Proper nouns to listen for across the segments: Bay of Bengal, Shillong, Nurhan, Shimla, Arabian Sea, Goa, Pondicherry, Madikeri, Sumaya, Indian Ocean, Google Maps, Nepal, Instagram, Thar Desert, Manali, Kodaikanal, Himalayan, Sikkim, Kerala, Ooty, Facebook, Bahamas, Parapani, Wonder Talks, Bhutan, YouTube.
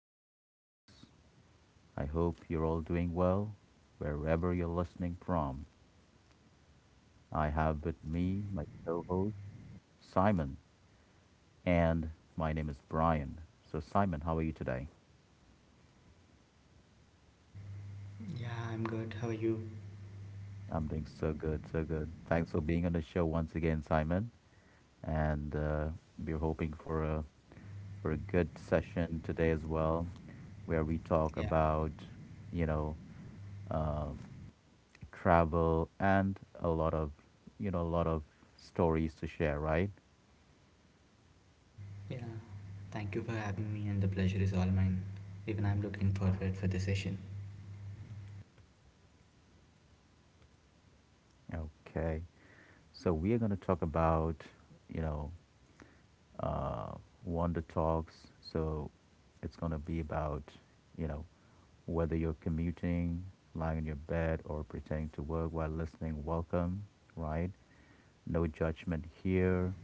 to Wonder Talks. I hope you're all doing well wherever you're listening from. I have with me my co host, Simon, and my name is Brian. So, Simon, how are you today? Yeah, I'm good. How are you? I'm doing so good, so good. Thanks for being on the show once again, Simon. And we're hoping for a good session today as well, where we talk Yeah, about you know um travel and a lot of stories to share, right? yeah. Thank you for having me, and the pleasure is all mine. Even I'm looking forward for the session. Okay, so we are going to talk about you know uh, Wanda Talks. So it's going to be about, you know, whether you're commuting, lying in your bed, or pretending to work while listening, welcome, right? No judgment here.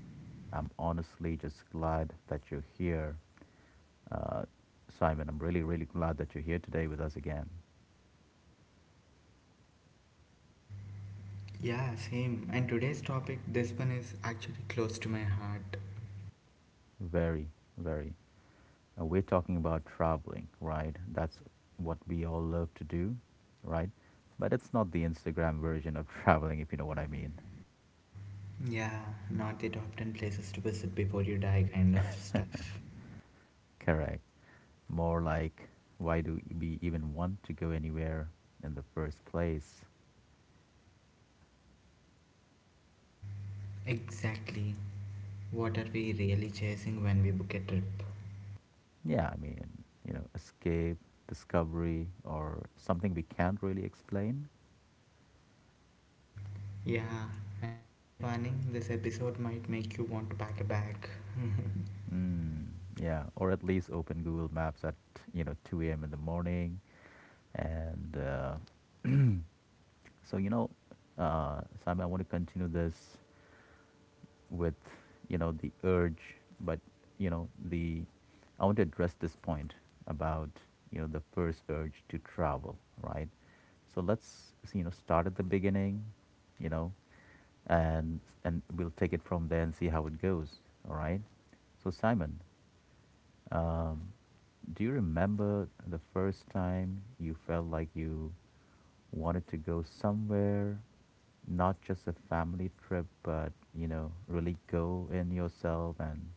I'm honestly just glad that you're here. Uh, Simon, I'm really, really glad that you're here today with us again. Yeah, same. And today's topic, this one is actually close to my heart. Very, very. We're talking about traveling, right? That's what we all love to do, right? But it's not the Instagram version of traveling, if you know what I mean. Yeah, not the top 10 places to visit before you die kind of stuff. Correct. More like, why do we even want to go anywhere in the first place? Exactly. What are we really chasing when we book a trip? Yeah, I mean, escape, discovery, or something we can't really explain. Yeah, and a fair warning this episode might make you want to pack a bag. Mm, yeah, or at least open Google Maps at 2 a.m. in the morning, and so, Simon, I want to continue this with the urge, but you know the I want to address this point about the first urge to travel, right? So let's start at the beginning, you know, and we'll take it from there and see how it goes. All right. So, Simon, um, do you remember the first time you felt like you wanted to go somewhere, not just a family trip, but, really go in yourself and,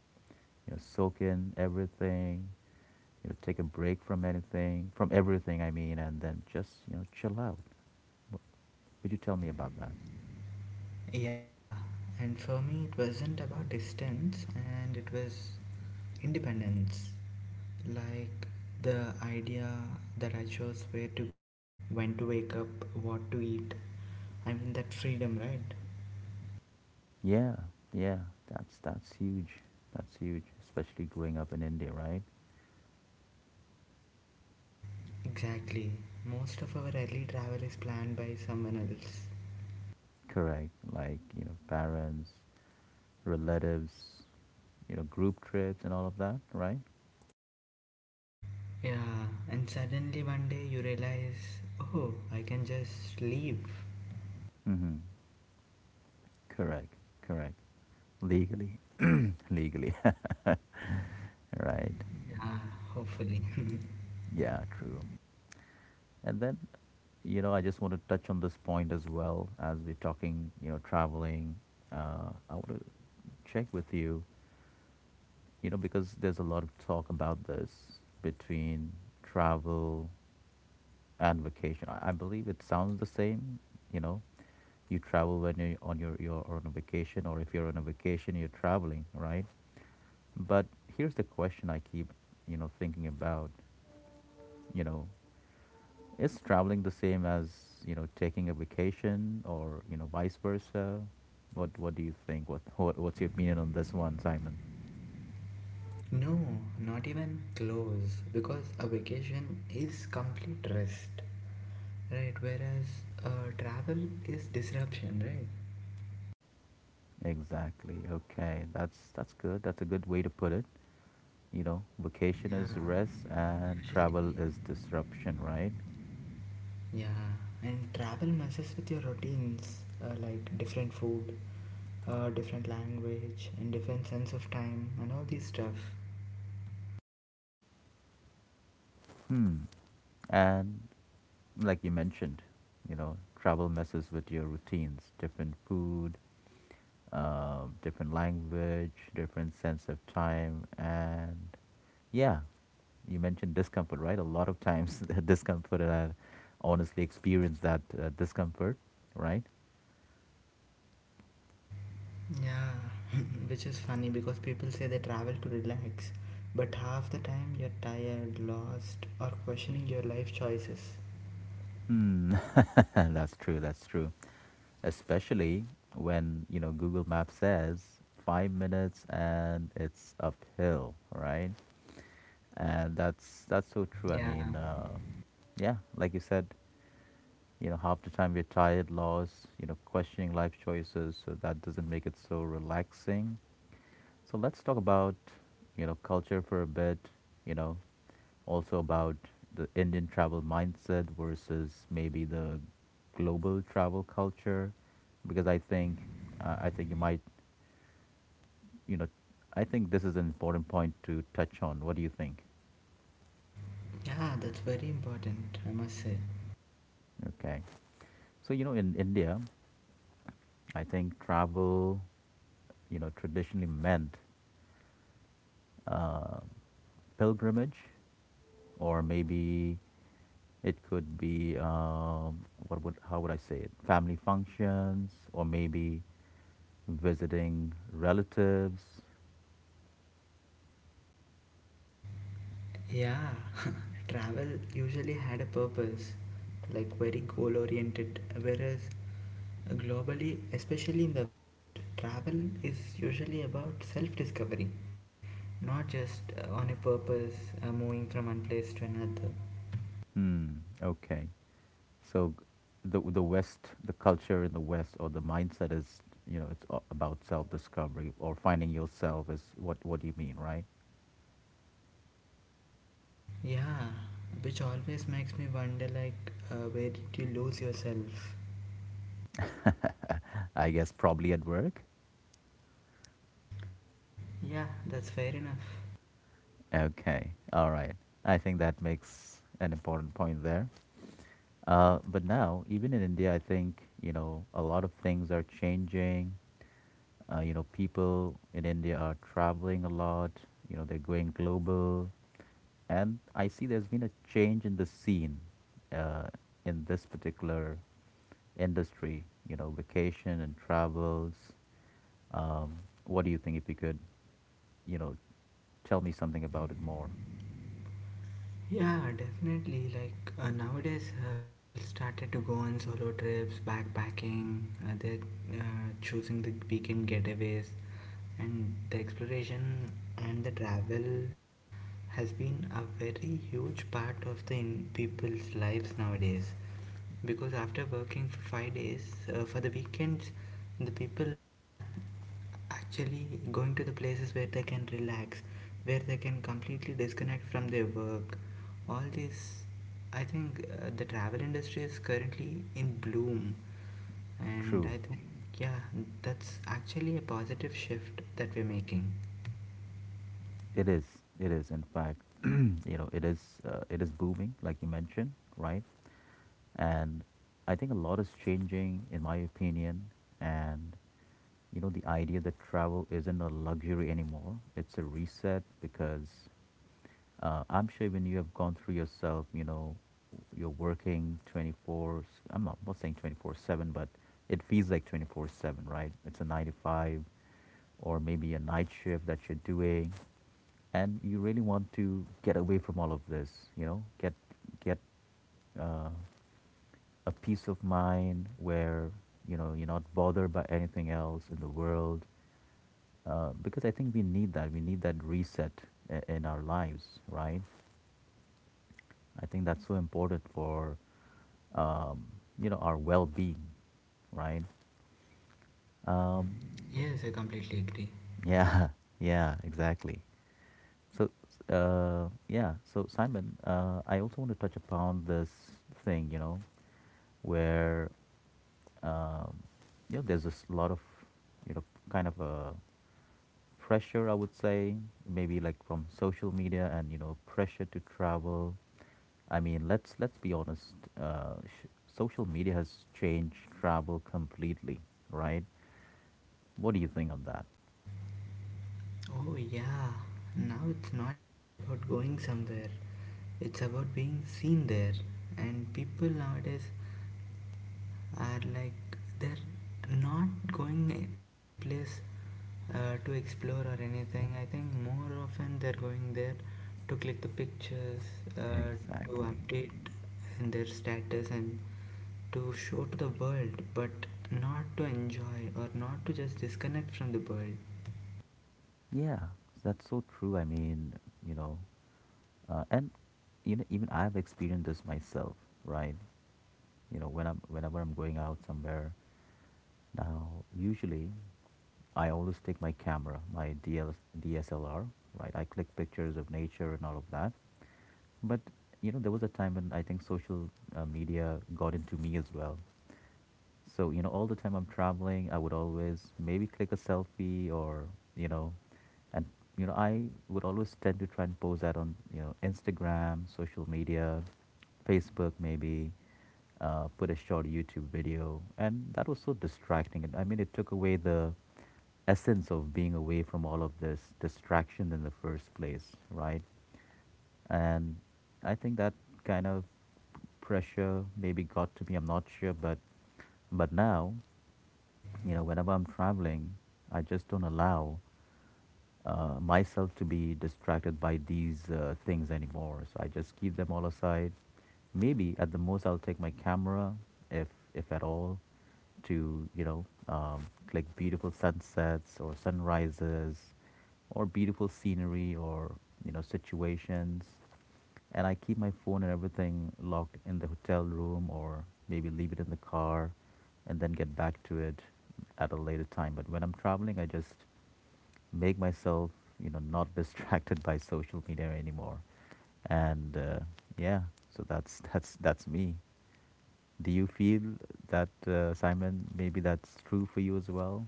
soak in everything, take a break from anything, from everything, I mean, and then just, chill out. W- Could you tell me about that? Yeah, and for me, it wasn't about distance and it was independence. Like the idea that I chose where to go, when to wake up, what to eat. I mean, that freedom, right? Yeah, yeah, that's huge. That's huge, especially growing up in India, right? Exactly. Most of our early travel is planned by someone else. Correct. Like, parents, relatives, group trips and all of that, right? Yeah, and suddenly one day you realize, oh, I can just leave. Mm-hmm. Correct. Correct. Legally. Legally. Right. Yeah, hopefully. Yeah, true. And then, I just want to touch on this point as well as we're talking, traveling. I want to check with you. Because there's a lot of talk about this between travel and vacation. I believe it sounds the same, you know. You travel when you're on your you're on a vacation, or if you're on a vacation, you're traveling, right? But here's the question I keep thinking about. You know, is traveling the same as taking a vacation, or, vice versa? What do you think? What's your opinion on this one, Simon? No, not even close. Because a vacation is complete rest, right? Whereas uh, travel is disruption, right? Exactly. Okay. That's good. That's a good way to put it. Vacation Yeah, is rest and usually. travel is disruption, right? Yeah, and travel messes with your routines, like different food, different language, and different sense of time, and all these stuff. Hmm. And like you mentioned, travel messes with your routines, different food, different language, different sense of time, and yeah, you mentioned discomfort, right? A lot of times the discomfort, and I honestly experienced that discomfort, right? Yeah, which is funny because people say they travel to relax, but half the time you're tired, lost, or questioning your life choices. Hmm. That's true. That's true. Especially when Google Maps says 5 minutes and it's uphill, right? And that's so true. I Yeah, mean, yeah, like you said, half the time we're tired, lost, questioning life choices. So that doesn't make it so relaxing. So let's talk about, culture for a bit, you know, also about the Indian travel mindset versus maybe the global travel culture, because I think you might, you know, I think this is an important point to touch on. What do you think? yeah, that's very important, I must say. Okay. So, in India, I think travel, traditionally meant uh, pilgrimage, or maybe it could be what would how would I say it? Family functions, or maybe visiting relatives. Yeah, travel usually had a purpose, like very goal oriented, whereas globally, especially in the West, travel is usually about self discovery, not just on a purpose, moving from one place to another. Hmm. Okay. So the West, the culture in the West, or the mindset is about self discovery or finding yourself is what do you mean, right? Yeah, which always makes me wonder like, where did you lose yourself? I guess probably at work. Yeah, that's fair enough. Okay, all right. I think that makes an important point there. But now, even in India, I think a lot of things are changing. People in India are traveling a lot. They're going global, and I see there's been a change in the scene uh, in this particular industry. You know, vacation and travels. What do you think? If you could, you know, tell me something about it more. Yeah, definitely. Like nowadays, people started to go on solo trips, backpacking. They're choosing the weekend getaways, and the exploration and the travel has been a very huge part of the people's lives nowadays. Because after working for 5 days for the weekends, the people are actually, going to the places where they can relax, where they can completely disconnect from their work. All this, I think the travel industry is currently in bloom. And True. I think, yeah, that's actually a positive shift that we're making. It is. It is. In fact, it is. It is booming, like you mentioned, right? And I think a lot is changing, in my opinion. And the idea that travel isn't a luxury anymore, it's a reset, because I'm sure when you have gone through yourself, you're working I'm not saying 24/7, but it feels like 24/7, right? It's a 9 to 5 or maybe a night shift that you're doing. And you really want to get away from all of this, get, get uh, a peace of mind where you're not bothered by anything else in the world because I think we need that reset in our lives, right. I think that's so important for um, our well-being, right. um, Yes, I completely agree. yeah, yeah, exactly. So, yeah. So, Simon, I also want to touch upon this thing, where, um, there's a lot of, you know, kind of a pressure, I would say, maybe like from social media and, pressure to travel. I mean, let's be honest. Social media has changed travel completely, right? What do you think on that? Oh, yeah. Now it's not just about going somewhere, it's about being seen there. And people nowadays are like they're not going to any place to explore or anything. I think more often they're going there to click the pictures, uh, to Exactly. update in their status and to show to the world, but not to enjoy or not to just disconnect from the world. Yeah, that's so true. I mean, you know, and even I've experienced this myself, right? Whenever I'm going out somewhere, now usually I always take my camera, my D S L R, right? I click pictures of nature and all of that. But there was a time when I think social media got into me as well, so, all the time I'm traveling, I would always maybe click a selfie. Or, you know, and, you know, I would always tend to try and post that on, Instagram, social media, Facebook maybe, put a short YouTube video. And that was so distracting. And I mean, it took away the essence of being away from all of this distraction in the first place, right? And I think that kind of pressure maybe got to me, I'm not sure, but now, whenever I'm traveling, I just don't allow myself to be distracted by these things anymore. So I just keep them all aside. Maybe at the most I'll take my camera, if if at all, to like beautiful sunsets or sunrises, or beautiful scenery or situations, and I keep my phone and everything locked in the hotel room or maybe leave it in the car and then get back to it at a later time. But when I'm traveling, I just make myself not distracted by social media anymore. And yeah, so that's that's me. Do you feel that Simon? Maybe that's true for you as well.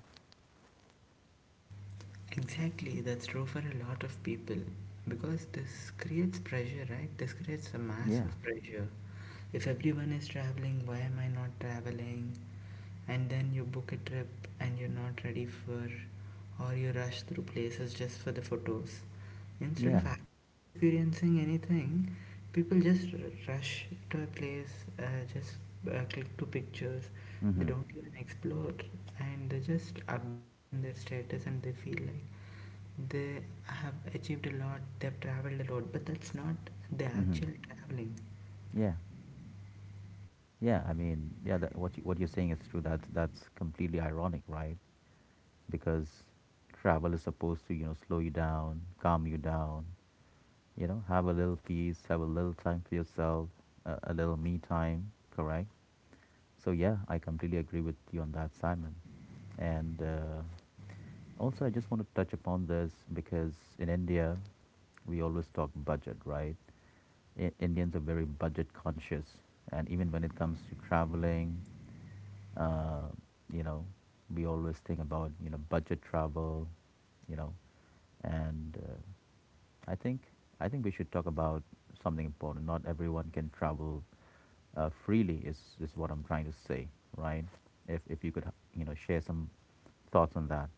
Exactly, that's true for a lot of people because this creates pressure, right? This creates a Yeah, massive pressure. If everyone is traveling, why am I not traveling? And then you book a trip and you're not ready for, or you rush through places just for the photos. Instead yeah. of actually experiencing anything, people just rush to a place, just click to pictures. They Mhm. don't even explore and they just update it in their status and they feel like they have achieved a lot, they've traveled a lot, but that's not the Mhm. actual traveling. Yeah. Yeah, I mean, yeah, what you're saying is true. That's completely ironic, right? Because travel is supposed to, slow you down, calm you down, have a little peace, have a little time for yourself, a little me time, correct? So yeah, I completely agree with you on that, Simon. And also, I just want to touch upon this because in India, we always talk budget, right? Indians are very budget conscious, and even when it comes to traveling, uh, you know, we always think about budget travel, you know, and I think we should talk about something important. Not everyone can travel freely is what I'm trying to say, right? If you could, share some thoughts on that.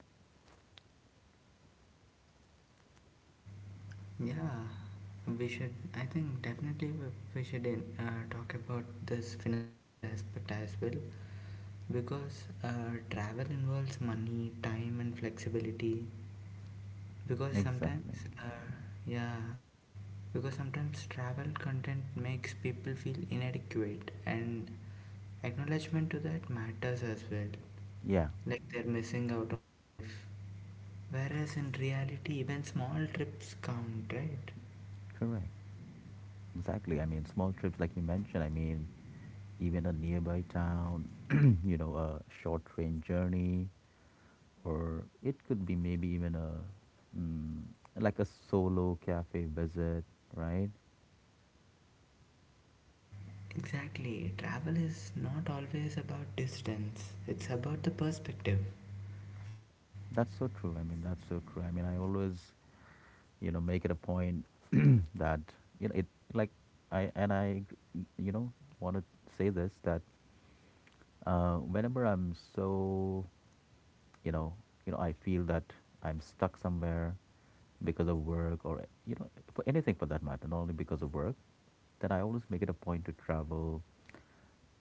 Yeah, we should, I think definitely we should talk about this financial aspect as well because travel involves money, time, and flexibility. Because Exactly. sometimes, uh, yeah, because sometimes travel content makes people feel inadequate, and acknowledgement to that matters as well. Yeah, Like they're missing out on life. Whereas in reality, even small trips count, right? correct. Exactly. I mean, small trips, like you mentioned, I mean, even a nearby town, a short train journey, or it could be maybe even mm, like a solo cafe visit, right? Exactly. Travel is not always about distance, it's about the perspective. That's so true. I mean, that's so true. I mean, I always, make it a point that you know it like I and I, you know, want to say this that whenever I'm you know, I feel that I'm stuck somewhere because of work or for anything for that matter, not only because of work, then I always make it a point to travel.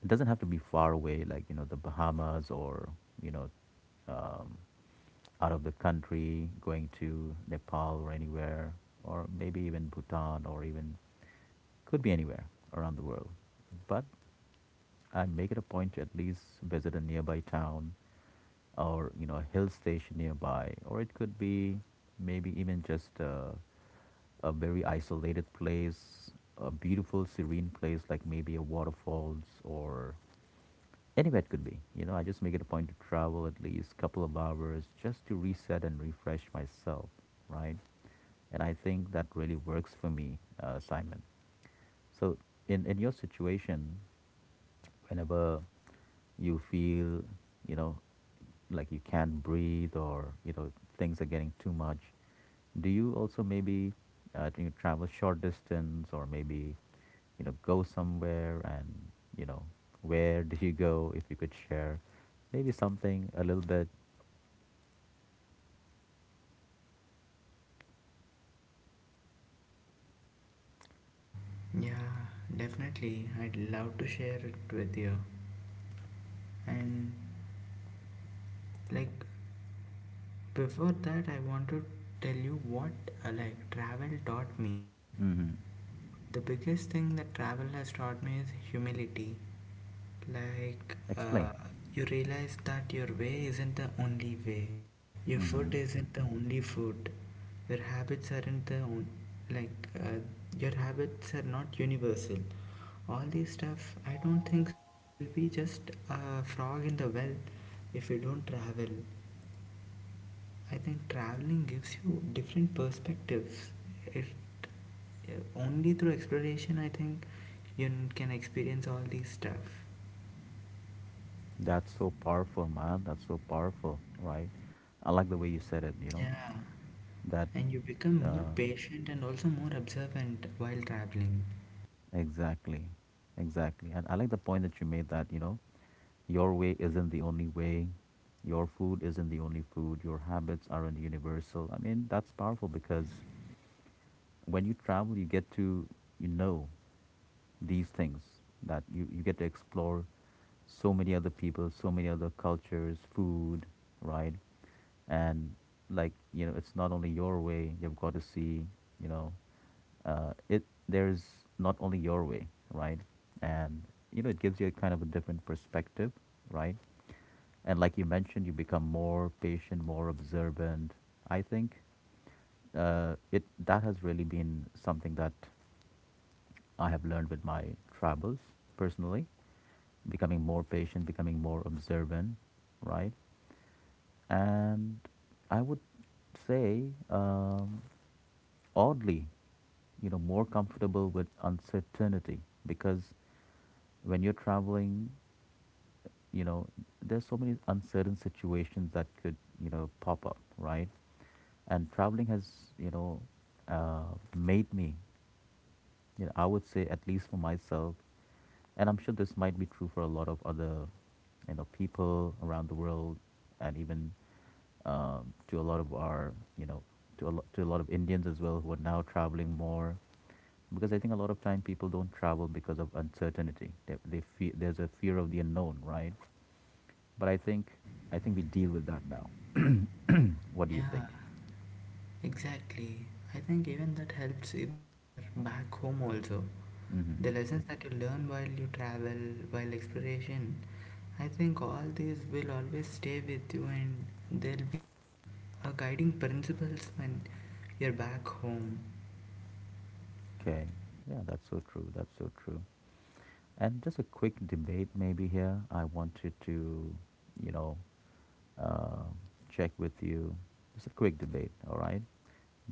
It doesn't have to be far away, like, you know, the Bahamas or, you know, um, out of the country, going to Nepal or anywhere, or maybe even Bhutan or even, could be anywhere around the world. But I make it a point to at least visit a nearby town or, you know, a hill station nearby, or it could be maybe even just, a very isolated place, a beautiful, serene place, like maybe a waterfalls or anywhere it could be. You know, I just make it a point to travel at least couple of hours just to reset and refresh myself, right? And I think that really works for me, Simon. So, in your situation, whenever you feel, you know, like you can't breathe or, you know, things are getting too much, do you also maybe do you travel short distance or maybe, you know, go somewhere and, you know, where do you go if you could share maybe something a little bit? Yeah, definitely. I'd love to share it with you. And like before that, I want to tell you what like travel taught me. Mm-hmm. The biggest thing that travel has taught me is humility. Like, Explain. You realize that your way isn't the only way. Your Mm-hmm. food isn't the only food. Your habits aren't the like your habits are not universal. All these stuff, I don't think so. We'll be just a frog in the well if we don't travel. I think traveling gives you different perspectives. It Only through exploration, I think, you can experience all these stuff. That's so powerful, man. That's so powerful, right? I like the way you said it, you know. Yeah. That, And you become more uh, patient and also more observant while traveling. exactly, exactly. And I like the point that you made that, you know, your way isn't the only way, your food isn't the only food, your habits aren't universal. I mean, that's powerful because when you travel, you get to you know these things that you get to explore so many other people, so many other cultures, food, right? And like you know, it's not only your way. You've got to see, you know, it. There's not only your way, right? And you know, it gives you a kind of a different perspective, right? And like you mentioned, you become more patient, more observant. I think it that has really been something that I have learned with my travels personally, becoming more patient, becoming more observant, right? And I would say, oddly, you know, more comfortable with uncertainty because when you're traveling, you know there's so many uncertain situations that could you know pop up, right? And traveling has you know made me you know, I would say at least for myself, and I'm sure this might be true for a lot of other you know people around the world, and even to a lot of our you know to a lot of Indians as well who are now traveling more, because I think a lot of time people don't travel because of uncertainty. They fear, there's a fear of the unknown, right? But I think we deal with that now. What do you think? Yeah, exactly. I think even that helps even when you're back home also. Hmm. The lessons that you learn while you travel, while exploration, I think all these will always stay with you and they'll be a guiding principles when you're back home. Okay. Yeah, that's so true. That's so true. And just a quick debate, maybe here. I wanted to, you know, uh, check with you. Just a quick debate, all right?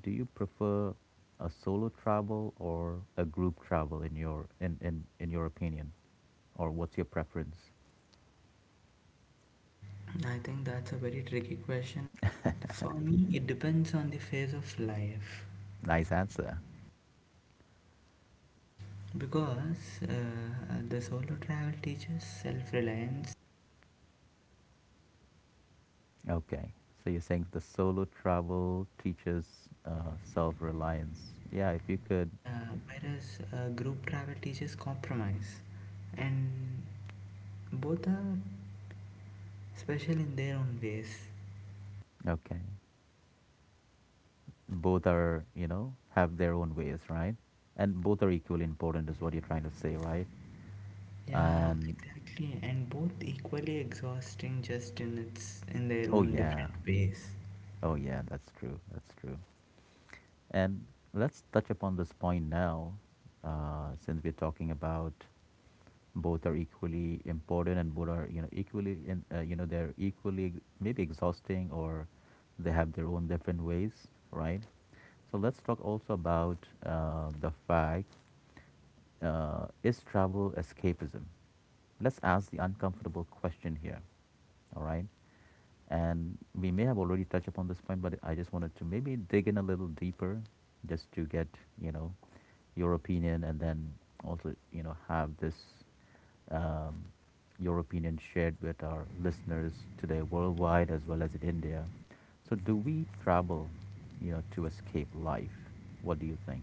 Do you prefer a solo travel or a group travel in your opinion, or what's your preference? I think that's a very tricky question and I for me it depends on the phase of life. Nice answer. Because the solo travel teaches self reliance, Okay, so you're saying the solo travel teaches self reliance. Yeah, if you could. yeah, whereas group travel teaches compromise, and both are special in their own ways. Okay. Both are you know have their own ways, right? And both are equally important is what you're trying to say, right? Yeah, And exactly, and both equally exhausting, just in their oh own yeah, different ways. oh yeah, that's true, that's true. And let's touch upon this point now, since we're talking about both are equally important and both are you know equally you know they're maybe exhausting, or they have their own different ways, right? So let's talk also about the fact, is travel escapism? Let's ask the uncomfortable question here, all right? And we may have already touched upon this point, but I just wanted to maybe dig in a little deeper, just to get, you know, your opinion, and then also, you know, have this, um, your opinion shared with our listeners today worldwide as well as in India. So, do we travel, you know, to escape life? What do you think?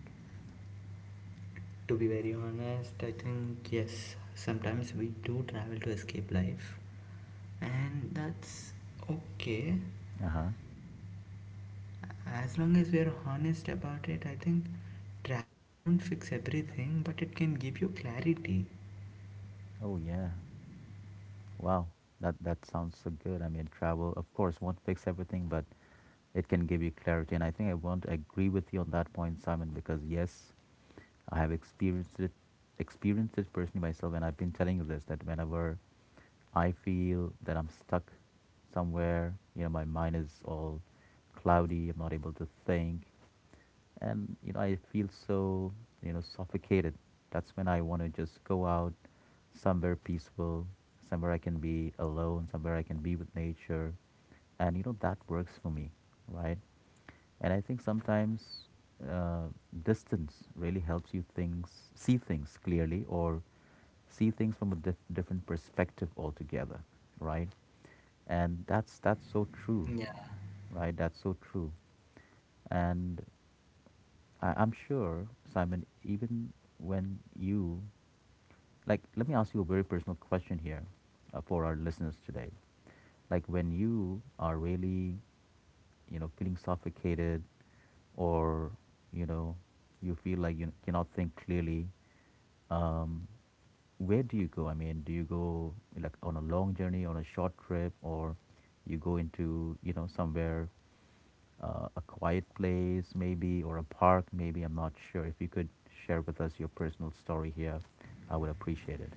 To be very honest, I think yes, sometimes we do travel to escape life, and that's okay. Uh huh. As long as we're honest about it, I think travel won't fix everything, but it can give you clarity. Oh, yeah. Wow, that that sounds so good. I mean, travel, of course, won't fix everything, but it can give you clarity. And I think I want to agree with you on that point, Simon, because yes, I have experienced it personally myself, and I've been telling you this that whenever I feel that I'm stuck somewhere, you know, my mind is all cloudy. I'm not able to think, and you know I feel so you know suffocated. That's when I want to just go out somewhere peaceful, somewhere I can be alone, somewhere I can be with nature, and you know that works for me, right? And I think sometimes uh, distance really helps you things see things clearly, or see things from a different perspective altogether, right? And that's so true, Yeah. right? That's so true. And I'm sure, Simon, even when you, like, let me ask you a very personal question here for our listeners today. Like, when you are really, you know, feeling suffocated or, you know, you feel like you cannot think clearly, um, where do you go? I mean, do you go like on a long journey, on a short trip, or you go into, you know, somewhere? Uh, a quiet place, maybe, or a park, maybe. I'm not sure. If you could share with us your personal story here, I would appreciate it.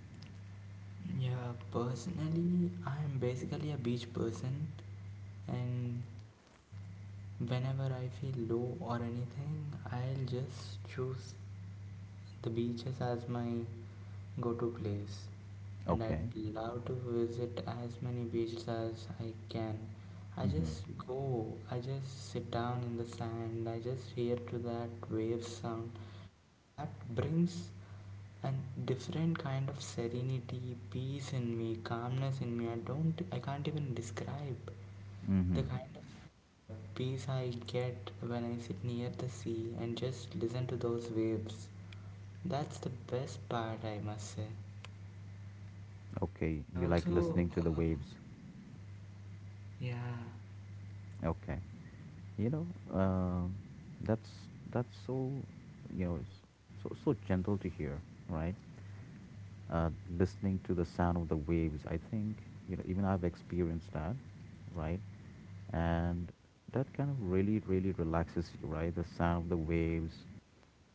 Yeah, personally, I am basically a beach person, and whenever I feel low or anything, I'll just choose the beaches as my go to place. And Okay. I'd love to visit as many beaches as I can. Mm-hmm. I just sit down in the sand, I just hear to that wave sound, and that brings a different kind of serenity, peace in me, calmness in me. I can't even describe the Mm-hmm. kind of peace I get when I sit near the sea and just listen to those waves. That's the best part, I must say. Okay. And You like also, listening to the waves. yeah. Okay. You know, um, that's so, you know, it's so so gentle to hear, right? uh, Listening to the sound of the waves. I think you know even I've experienced that, right? And that kind of really really relaxes you, right? The sound of the waves,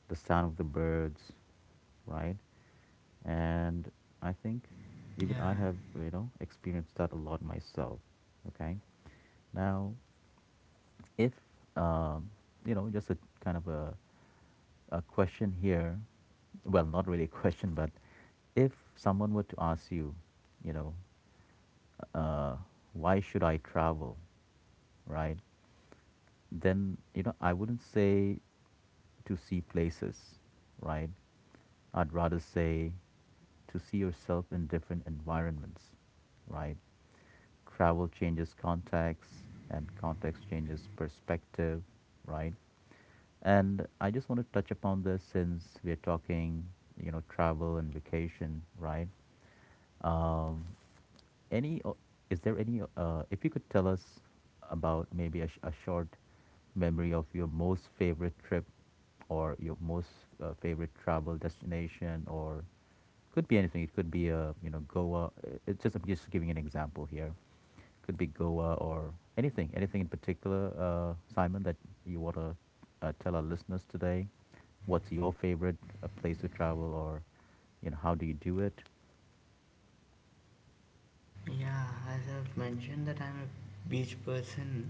the sound of the birds, right? And I think even I Yeah, have you know experienced that a lot myself. Okay, now. If, um, you know, just a kind of a question here, well, not really a question, but if someone were to ask you, you know, uh, why should I travel, right? Then, you know, I wouldn't say to see places, right? I'd rather say to see yourself in different environments, right? Travel changes context and context changes perspective, right? And I just want to touch upon this since we're talking, you know, travel and vacation, right? Um, any, o- is there any, if you could tell us about maybe a short memory of your most favorite trip, or your most favorite travel destination, or could be anything. It could be, a you know, Goa. It's just, I'm just giving an example here. Could be Goa or anything, anything in particular, Simon, that you want to tell our listeners today. What's your favorite place to travel, or, you know, how do you do it? yeah. As I've mentioned that I'm a beach person,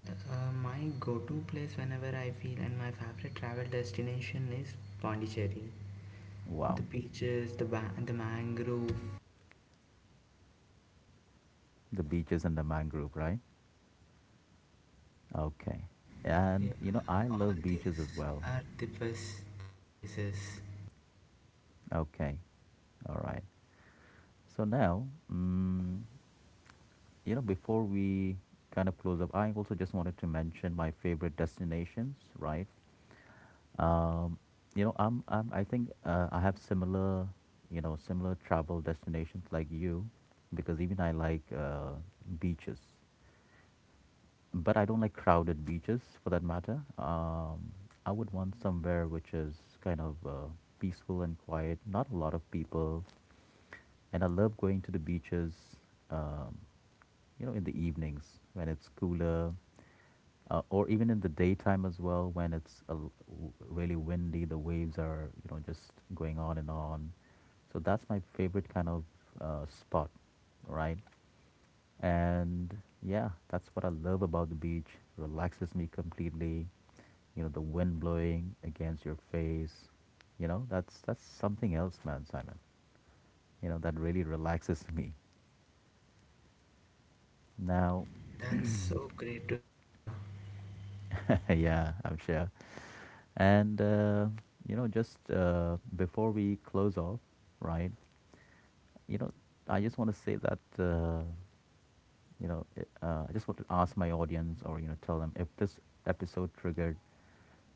my go-to place whenever I feel and my favorite travel destination is Pondicherry. Wow. The beaches, the mangrove, The beaches and the mangrove, right? Okay. yeah, And, you know, I all love beaches as these well. are the best places. Okay. All right. So now, mm, you know, before we kind of close up, I also just wanted to mention my favorite destinations, right? Um, you know, I think I have similar, you know, similar travel destinations like you, because even I like beaches, but I don't like crowded beaches for that matter. I would want somewhere which is kind of peaceful and quiet, not a lot of people. And I love going to the beaches, um, you know, in the evenings when it's cooler, or even in the daytime as well when it's really windy, the waves are, you know, just going on and on. So that's my favorite kind of spot, right? And yeah, that's what I love about the beach. Relaxes me completely. You know, the wind blowing against your face. You know, that's something else, man, Simon. You know, that really relaxes me. Now, That's so great to hear. yeah, I'm sure. And you know, just before we close off, right? You know, I just want to say that. I just want to ask my audience or, you know, tell them if this episode triggered,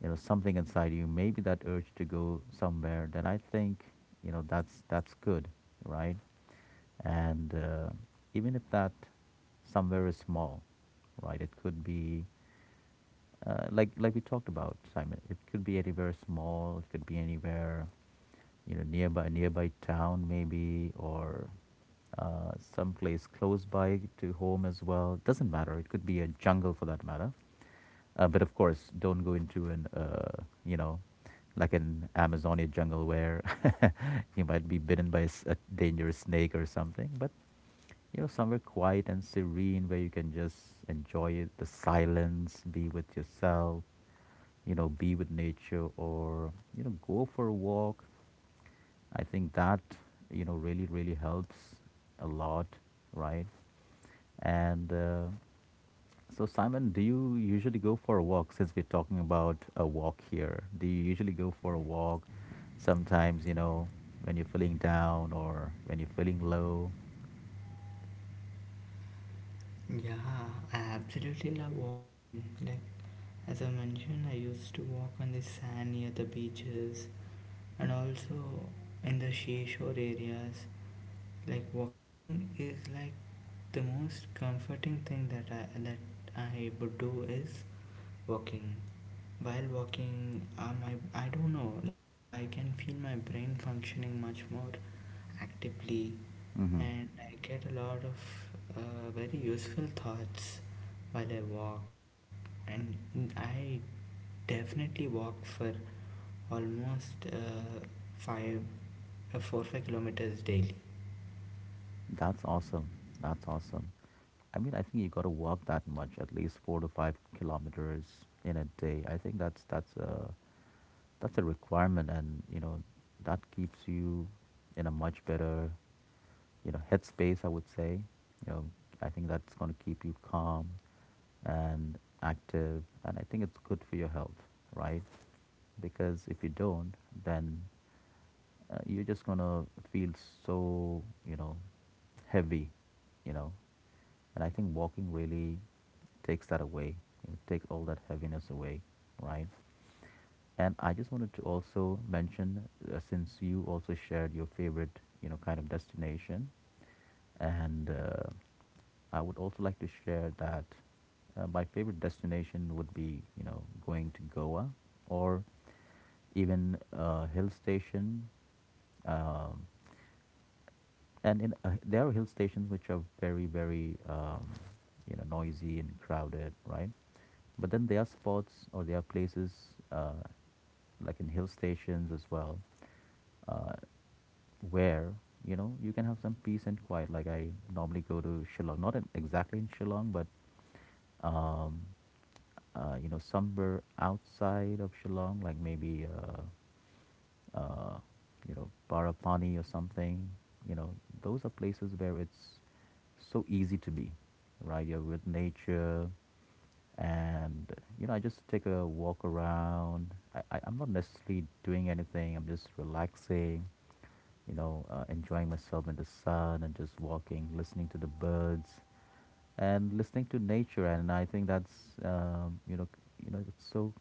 you know, something inside you, maybe that urge to go somewhere, then I think, you know, that's good, right? And even if that somewhere is small, right, it could be like we talked about, Simon. It could be anywhere small. It could be anywhere, you know, nearby town maybe, or someplace close by to home as well. Doesn't matter. It could be a jungle for that matter. But of course, don't go into an like an Amazonia jungle where you might be bitten by a dangerous snake or something. But somewhere quiet and serene where you can just enjoy it, the silence, be with yourself, be with nature or, go for a walk. I think that really, really helps a lot, right? And so, Simon, do you usually go for a walk since we're talking about a walk here? Do you usually go for a walk sometimes, when you're feeling down or when you're feeling low? Yeah, I absolutely love walking. Like as I mentioned, I used to walk on the sand near the beaches and also in the seashore areas. Like walking is like the most comforting thing that I would do is walking. While walking, I don't know. Like I can feel my brain functioning much more actively, Mm hmm. and I get a lot of very useful thoughts while I walk. And I definitely walk for almost five, four, 5 kilometers daily. That's awesome. That's awesome. I mean, I think you got to walk that much, at least 4 to 5 kilometers in a day. I think that's a requirement, and that keeps you in a much better headspace. I would say, you know, I think that's going to keep you calm and active, and I think it's good for your health, right? Because if you don't, then you're just gonna feel so heavy, you know. And I think walking really takes that away, you takes all that heaviness away, right? And I just wanted to also mention, since you also shared your favorite, kind of destination, and I would also like to share that my favorite destination would be, going to Goa or even a hill station. Um, and in there are hill stations which are very noisy and crowded, right? But then there are spots or there are places uh, like in hill stations as well, uh, where you can have some peace and quiet. Like I normally go to Shillong, not in, exactly in Shillong, but um, somewhere outside of Shillong, like maybe uh, Parapani or something. You know, those are places where it's so easy to be, right? You're with nature, and I just take a walk around. I'm not necessarily doing anything. I'm just relaxing, enjoying myself in the sun and just walking, listening to the birds and listening to nature. And I think that's um, you know it's so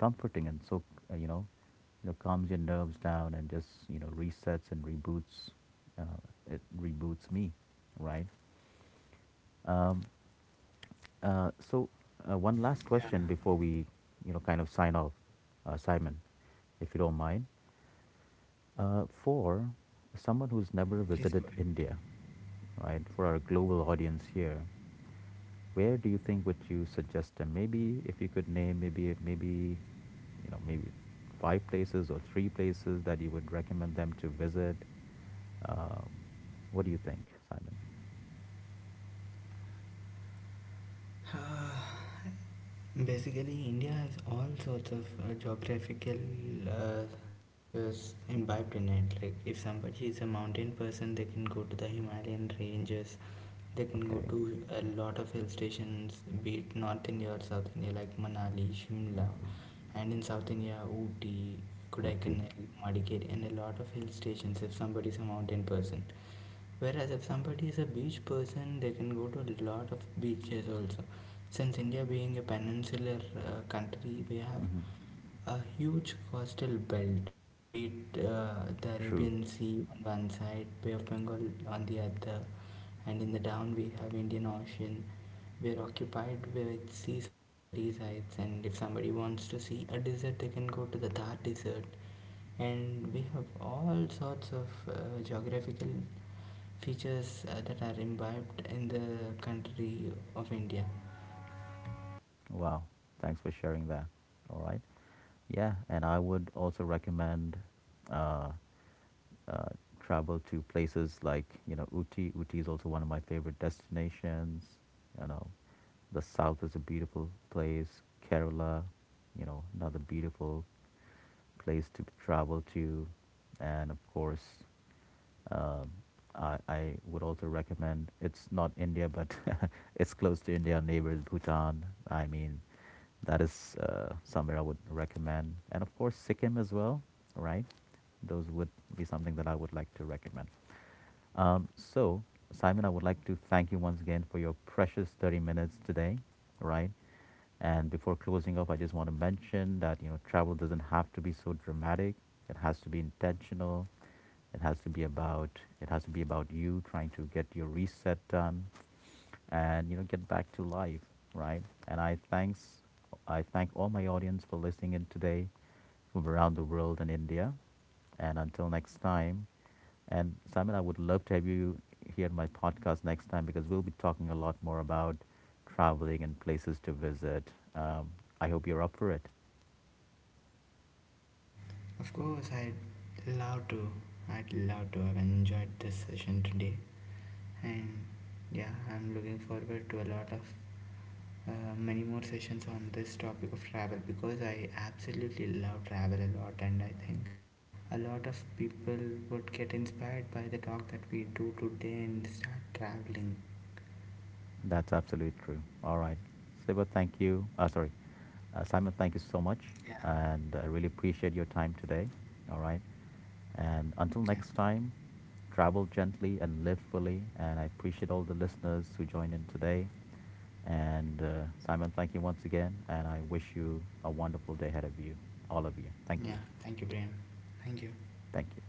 comforting and so uh, you know calms your nerves down, and just resets and reboots. Uh, it reboots me, right? Um, uh, so One last Yeah, question before we kind of sign off, Simon, if you don't mind. For someone who's never please visited go ahead. India, right? For our global audience here, where do you think would you suggest them? Maybe if you could name maybe you know maybe five places or three places that you would recommend them to visit. Um, what do you think, Simon? Basically, India has all sorts of geographical uh, features imbibed in it. Himalayan ranges, they can go Okay, to a lot of hill stations, be it North India or South India, like Manali, Shimla, Manali, and in South India, Ooty, Uti. Kodaikanal, Madikeri, and a lot of hill stations if somebody's a mountain person. Whereas if somebody is a beach person, they can go to a lot of beaches also. Since India being a peninsular country, we have Hmm. a huge coastal belt, be it the True. Arabian Sea on one side, Bay of Bengal on the other, and in the down we have Indian Ocean. We are occupied with seas on the three sides, and if somebody wants to see a desert, they can go to the Thar Desert. And we have all sorts of geographical features that are imbibed in the country of India. Wow. Thanks for sharing that. All right. Yeah, and I would also recommend uh, uh, travel to places like, you know, Uti. Uti is also one of my favorite destinations. You know, the south is a beautiful place. Kerala, you know, another beautiful place to travel to, and of course, um, I would also recommend, it's not India, but it's close to India, neighbors Bhutan. I mean, that is somewhere I would recommend. And of course, Sikkim as well, right? Those would be something that I would like to recommend. So, Simon, I would like to thank you once again for your precious 30 minutes today, right? And before closing up, I just want to mention that, you know, travel doesn't have to be so dramatic. It has to be intentional. It has to be about you trying to get your reset done, and get back to life, right? And I thank all my audience for listening in today from around the world and India. And until next time, and Simon, I would love to have you here on my podcast next time because we'll be talking a lot more about traveling and places to visit. Um, I hope you're up for it. Of course, I'd love to. I'd love to have enjoyed this session today, and yeah, I'm looking forward to a lot of uh, many more sessions on this topic of travel because I absolutely love travel a lot, and I think a lot of people would get inspired by the talk that we do today and start traveling. That's absolutely true. All right. Siva, thank you. Sorry. Simon, thank you so much. Yeah, And I really appreciate your time today. All right. And until yeah, next time, travel gently and live fully. And I appreciate all the listeners who joined in today. And Simon, thank you once again. And I wish you a wonderful day ahead of you, all of you. Thank you. yeah. Thank you, Brian. Thank you. Thank you.